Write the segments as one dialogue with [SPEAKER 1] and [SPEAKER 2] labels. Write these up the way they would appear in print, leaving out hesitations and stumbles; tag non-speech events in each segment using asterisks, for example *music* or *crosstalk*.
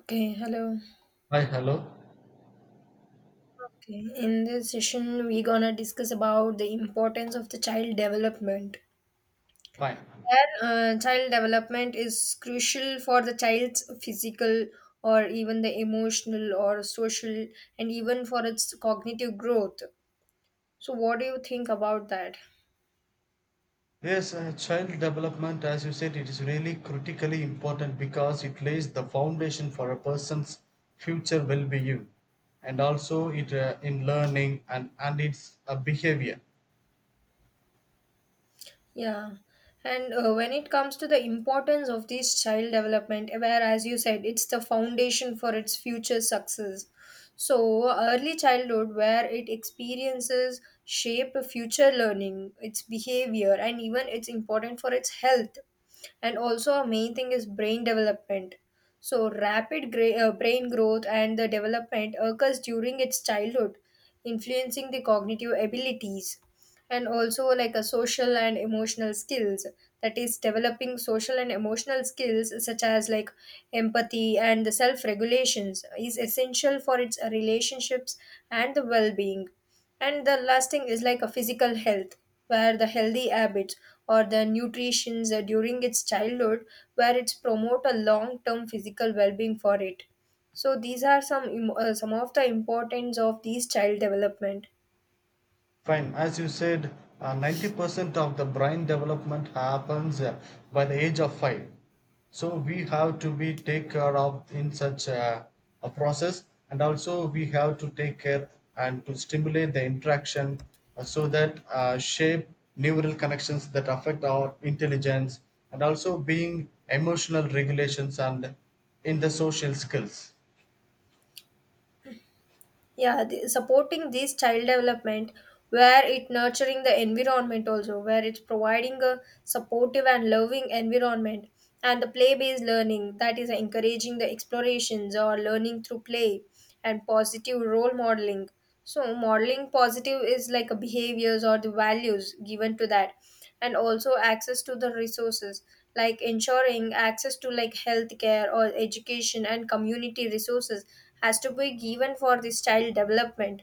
[SPEAKER 1] Okay, hello.
[SPEAKER 2] Hi, hello.
[SPEAKER 1] Okay, in this session, we're gonna discuss about the importance of the child development.
[SPEAKER 2] Fine.
[SPEAKER 1] And child development is crucial for the child's physical or even the emotional or social and even for its cognitive growth. So, what do you think about that?
[SPEAKER 2] Yes, child development, as you said, it is really critically important because it lays the foundation for a person's future well being, and also it in learning, and its behavior.
[SPEAKER 1] Yeah, and when it comes to the importance of this child development, where, as you said, it's the foundation for its future success. So, early childhood, where it experiences shape future learning, its behavior, and even it's important for its health. And also, a main thing is brain development, so brain growth and the development occurs during its childhood, influencing the cognitive abilities, and also like a social and emotional skills, that is developing social and emotional skills such as like empathy and the self regulations is essential for its relationships and the well being, and the lasting is like a physical health, where the healthy habits or the nutrition during its childhood, where it's promote a long term physical well-being for it. So these are some of the importance of these child development.
[SPEAKER 2] Fine. As you said, 90% of the brain development happens by the age of 5. So we have to be take care of in such a process, and also we have to take care and to stimulate the interaction, so that shape neural connections that affect our intelligence, and also being emotional regulations and in the social skills.
[SPEAKER 1] Yeah, the supporting this child development where it nurturing the environment, also where it's providing a supportive and loving environment, and the play based learning, that is encouraging the explorations or learning through play, and positive role modeling. So, modeling positive is like a behaviors or the values given to that, and also access to the resources, like ensuring access to like healthcare or education and community resources has to be given for this child development.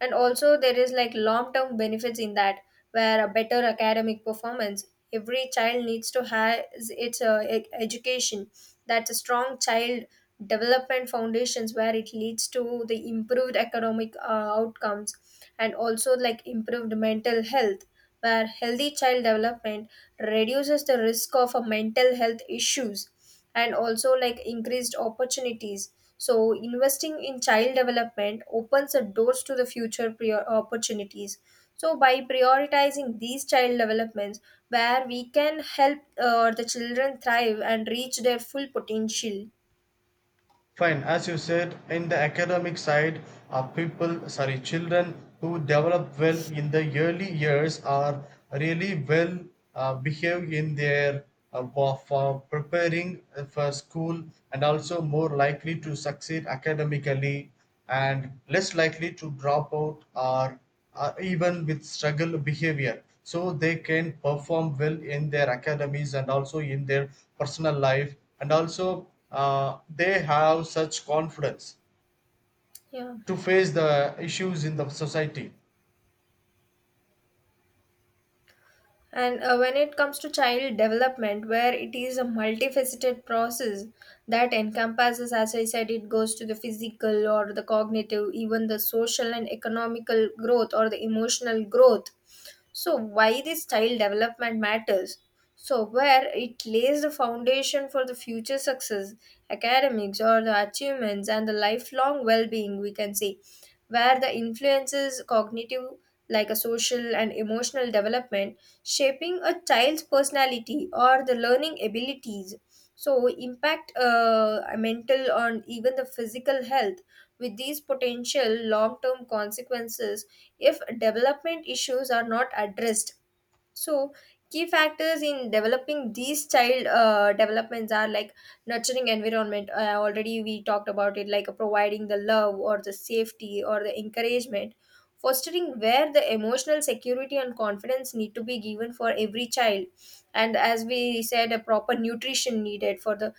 [SPEAKER 1] And also, there is like long term benefits in that, where a better academic performance. Every child needs to have its education. That's a strong child development foundations where it leads to the improved economic outcomes, and also like improved mental health, where healthy child development reduces the risk of a mental health issues, and also like increased opportunities. So investing in child development opens the doors to the future prior opportunities. So by prioritizing these child developments, where we can help the children thrive and reach their full potential.
[SPEAKER 2] Fine, as you said, in the academic side, are people, sorry, children who develop well in the early years are really well, behave in their for preparing for school, and also more likely to succeed academically, and less likely to drop out or even with struggle behavior, so they can perform well in their academies and also in their personal life, and also they have such confidence
[SPEAKER 1] Yeah.
[SPEAKER 2] to face the issues in the society.
[SPEAKER 1] And when it comes to child development, where it is a multifaceted process that encompasses, as I said, it goes to the physical or the cognitive, even the social and economical growth or the emotional growth. So, why this style development matters? So, where it lays the foundation for the future success, academics, or the achievements, and the lifelong well being, we can say, where the influences cognitive, like a social and emotional development, shaping a child's personality or the learning abilities. So, impact mental on even the physical health with these potential long term consequences if development issues are not addressed. So, key factors in developing these child developments are like nurturing environment. Already we talked about it, like providing the love or the safety or the encouragement. Fostering where the emotional security and confidence need to be given for every child, and as we said, a proper nutrition needed for the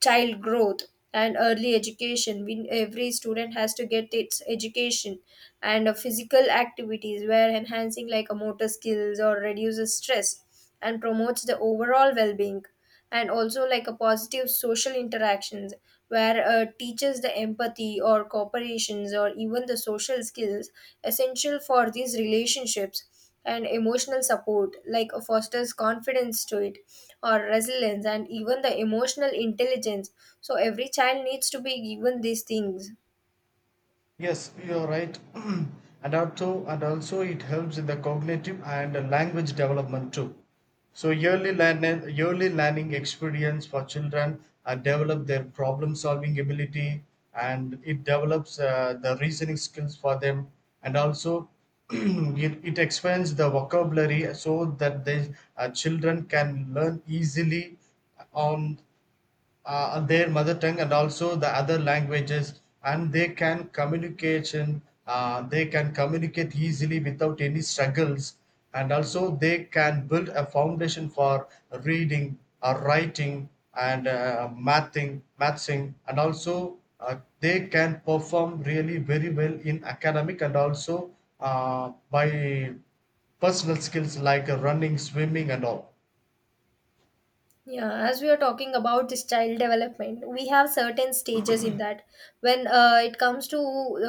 [SPEAKER 1] child growth, and early education we, every student has to get its education. And physical activities where enhancing like a motor skills or reduces stress and promotes the overall well-being, and also like a positive social interactions where teaches the empathy or cooperations or even the social skills essential for these relationships, and emotional support like fosters confidence to it or resilience and even the emotional intelligence. So every child needs to be given these things.
[SPEAKER 2] Yes, you're right. *clears throat* And also it helps in the cognitive and the language development too. So yearly learning experience for children develop their problem solving ability, and it develops the reasoning skills for them, and also *clears throat* it expands the vocabulary so that the children can learn easily on their mother tongue and also the other languages, and they can communication, they can communicate easily without any struggles, and also they can build a foundation for reading, writing, and mathing mathsing, and also they can perform really very well in academic, and also by personal skills like running, swimming and all.
[SPEAKER 1] Yeah, as we are talking about this child development we have certain stages in that. When it comes to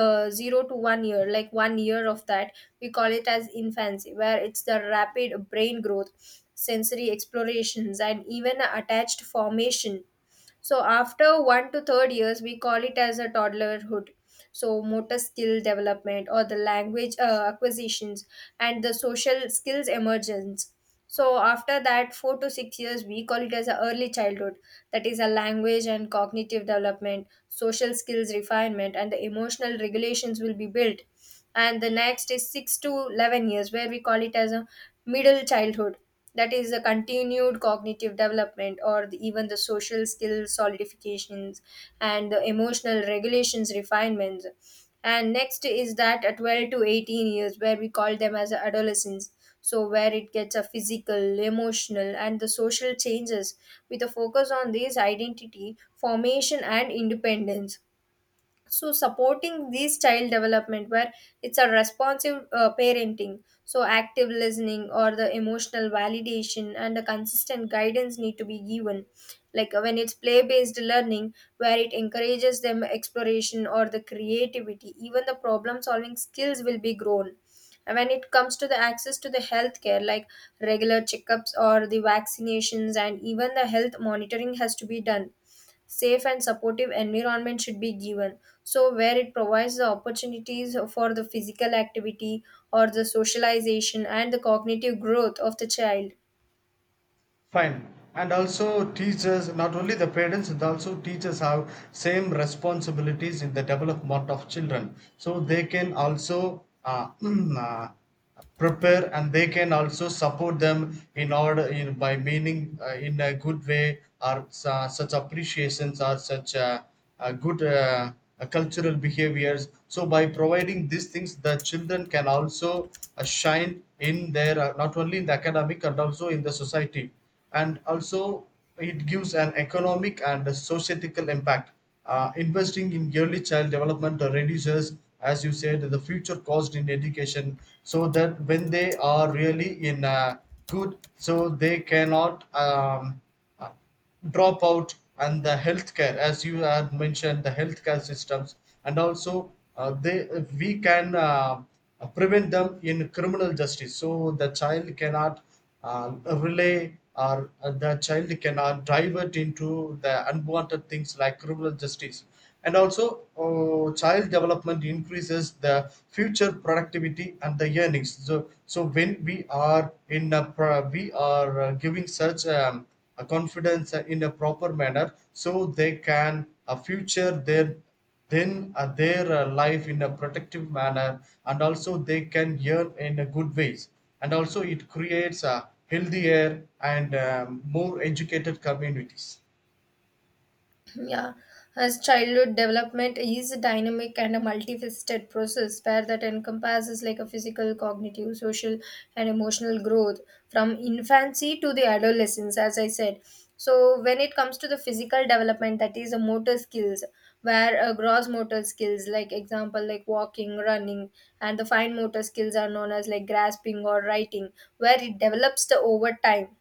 [SPEAKER 1] 0 to 1 year, like 1 year of that, we call it as infancy, where it's the rapid brain growth, sensory explorations, and even attached formation. So after 1 to 3 years, we call it as a toddlerhood. So motor skill development or the language acquisitions and the social skills emergence. So after that, 4 to 6 years, we call it as a early childhood. That is a language and cognitive development, social skills refinement, and the emotional regulations will be built. And the next is 6 to 11 years, where we call it as a middle childhood, that is the continued cognitive development or the, even the social skill solidifications and the emotional regulations refinements. And next is that at 12 to 18 years, where we call them as adolescence, so where it gets a physical emotional and the social changes with a focus on these identity formation and independence. So supporting these child development, where it's a responsive parenting, so active listening or the emotional validation and a consistent guidance need to be given, like when it's play based learning where it encourages them exploration or the creativity, even the problem solving skills will be grown. And when it comes to the access to the healthcare like regular checkups or the vaccinations and even the health monitoring has to be done. Safe and supportive environment should be given, so where it provides the opportunities for the physical activity or the socialization and the cognitive growth of the child.
[SPEAKER 2] Fine. And also teachers, not only the parents, and also teachers have same responsibilities in the development of children. So they can also *clears throat* uh, prepare, and they can also support them in order in by meaning in a good way or such appreciations or such good cultural behaviors. So by providing these things, the children can also shine in their not only in the academic and also in the society, and also it gives an economic and a societal impact. Investing in early child development reduces, as you said, the future cost in education, so that when they are really in good, so they cannot dropout, and the healthcare, as you have mentioned the healthcare systems, and also they, we can prevent them in criminal justice, so the child cannot uh, relay, or the child cannot divert into the unwanted things like criminal justice, and also child development increases the future productivity and the earnings, so so when we are in a we are giving such a confidence in a proper manner, so they can future their then their life in a protective manner, and also they can earn in a good ways, and also it creates a healthier and more educated communities.
[SPEAKER 1] Yeah, as childhood development is a dynamic and a multifaceted process where that encompasses like a physical, cognitive, social, and emotional growth from infancy to the adolescence, as I said. So, when it comes to the physical development, that is a motor skills, where gross motor skills, like example, like walking, running, and the fine motor skills are known as like grasping or writing, where it develops the over time.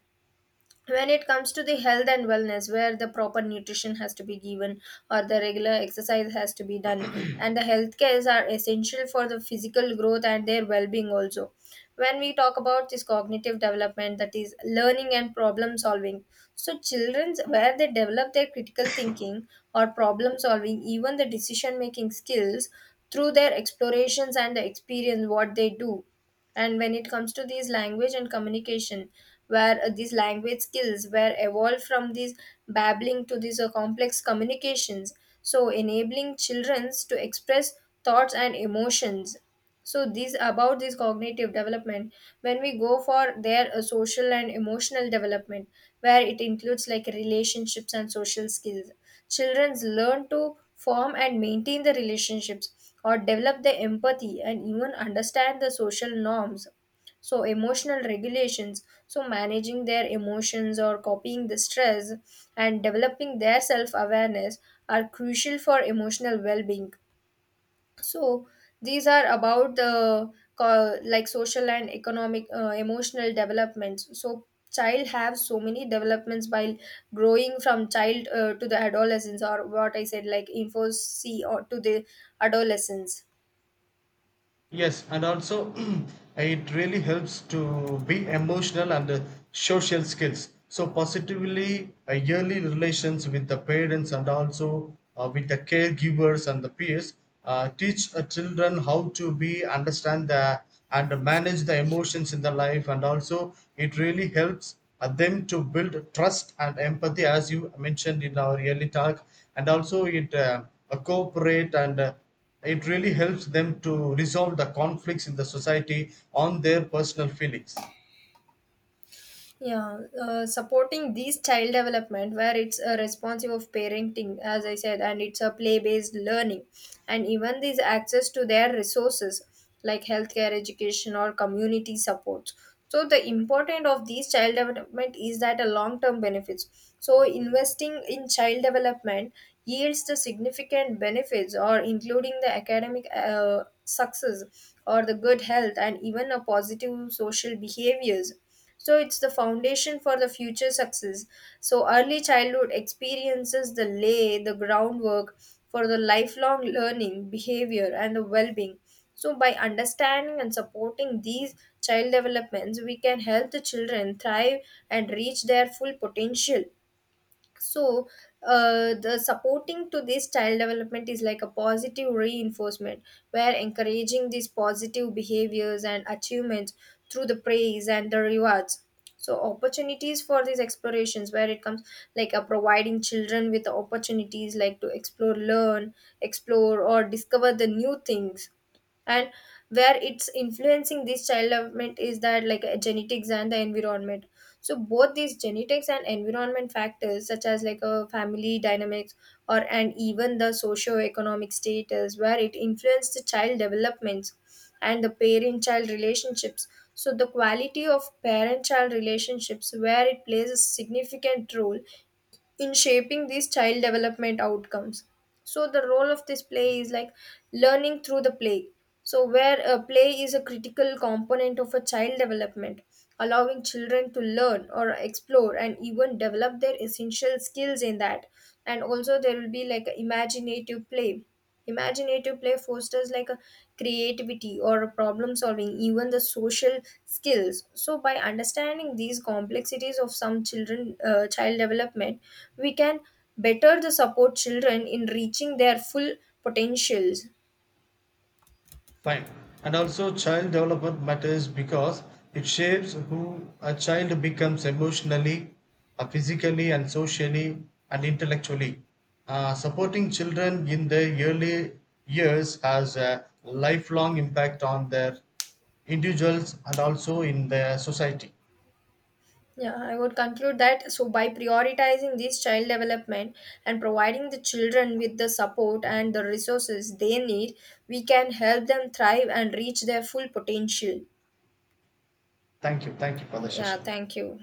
[SPEAKER 1] When it comes to the health and wellness, where the proper nutrition has to be given or the regular exercise has to be done, and the health cares are essential for the physical growth and their well-being. Also when we talk about this cognitive development, that is learning and problem solving, so children's where they develop their critical thinking or problem solving, even the decision making skills through their explorations and the experience what they do. And when it comes to these language and communication, where these language skills were evolved from these babbling to these complex communications, so enabling children to express thoughts and emotions. So these about this cognitive development. When we go for their social and emotional development, where it includes like relationships and social skills. Children learn to form and maintain the relationships or develop the empathy and even understand the social norms. So, emotional regulations, so managing their emotions or copying the stress and developing their self awareness are crucial for emotional well being. So these are about the like social and economic emotional developments. So child have so many developments while growing from child to the adolescence, or what I said like info c or to the adolescence.
[SPEAKER 2] Yes, and also *clears throat* it really helps to be emotional and social skills. So positively, yearly relations with the parents and also with the caregivers and the peers teach children how to be understand the and manage the emotions in the life, and also it really helps them to build trust and empathy, as you mentioned in our early talk, and also it cooperate, and it really helps them to resolve the conflicts in the society on their personal feelings.
[SPEAKER 1] Yeah, supporting these child development, where it's a responsive of parenting, as I said, and it's a play-based learning, and even these access to their resources like healthcare, education, or community support. So the important of these child development is that a long-term benefits. So investing in child development yields the significant benefits, or including the academic success, or the good health, and even a positive social behaviors. So it's the foundation for the future success. So early childhood experiences the lay the groundwork for the lifelong learning behavior and the well-being. So by understanding and supporting these child developments we can help the children thrive and reach their full potential. So the supporting to this child development is like a positive reinforcement, where encouraging these positive behaviors and achievements through the praise and the rewards. So opportunities for these explorations where it comes, like a providing children with the opportunities like to explore learn explore or discover the new things. And where it's influencing this child development is that like genetics and the environment. So both these genetics and environment factors such as like a family dynamics or and even the socio-economic status, where it influences the child developments and the parent child relationships. So the quality of parent child relationships where it plays a significant role in shaping these child development outcomes. So the role of this play is like learning through the play, so where a play is a critical component of a child development, allowing children to learn or explore and even develop their essential skills in that. And also there will be like imaginative play. Imaginative play fosters like a creativity or a problem solving, even the social skills. So, by understanding these complexities of some children child development, we can better the support children in reaching their full potentials.
[SPEAKER 2] Fine. And also, child development matters because it shapes who a child becomes emotionally, physically, and socially and intellectually. Supporting children in their early years has a lifelong impact on their individuals and also in their society.
[SPEAKER 1] Yeah, I would conclude that. So, by prioritizing this child development and providing the children with the support and the resources they need, we can help them thrive and reach their full potential.
[SPEAKER 2] Thank you. Thank you for the
[SPEAKER 1] Yeah,
[SPEAKER 2] session.
[SPEAKER 1] thank you.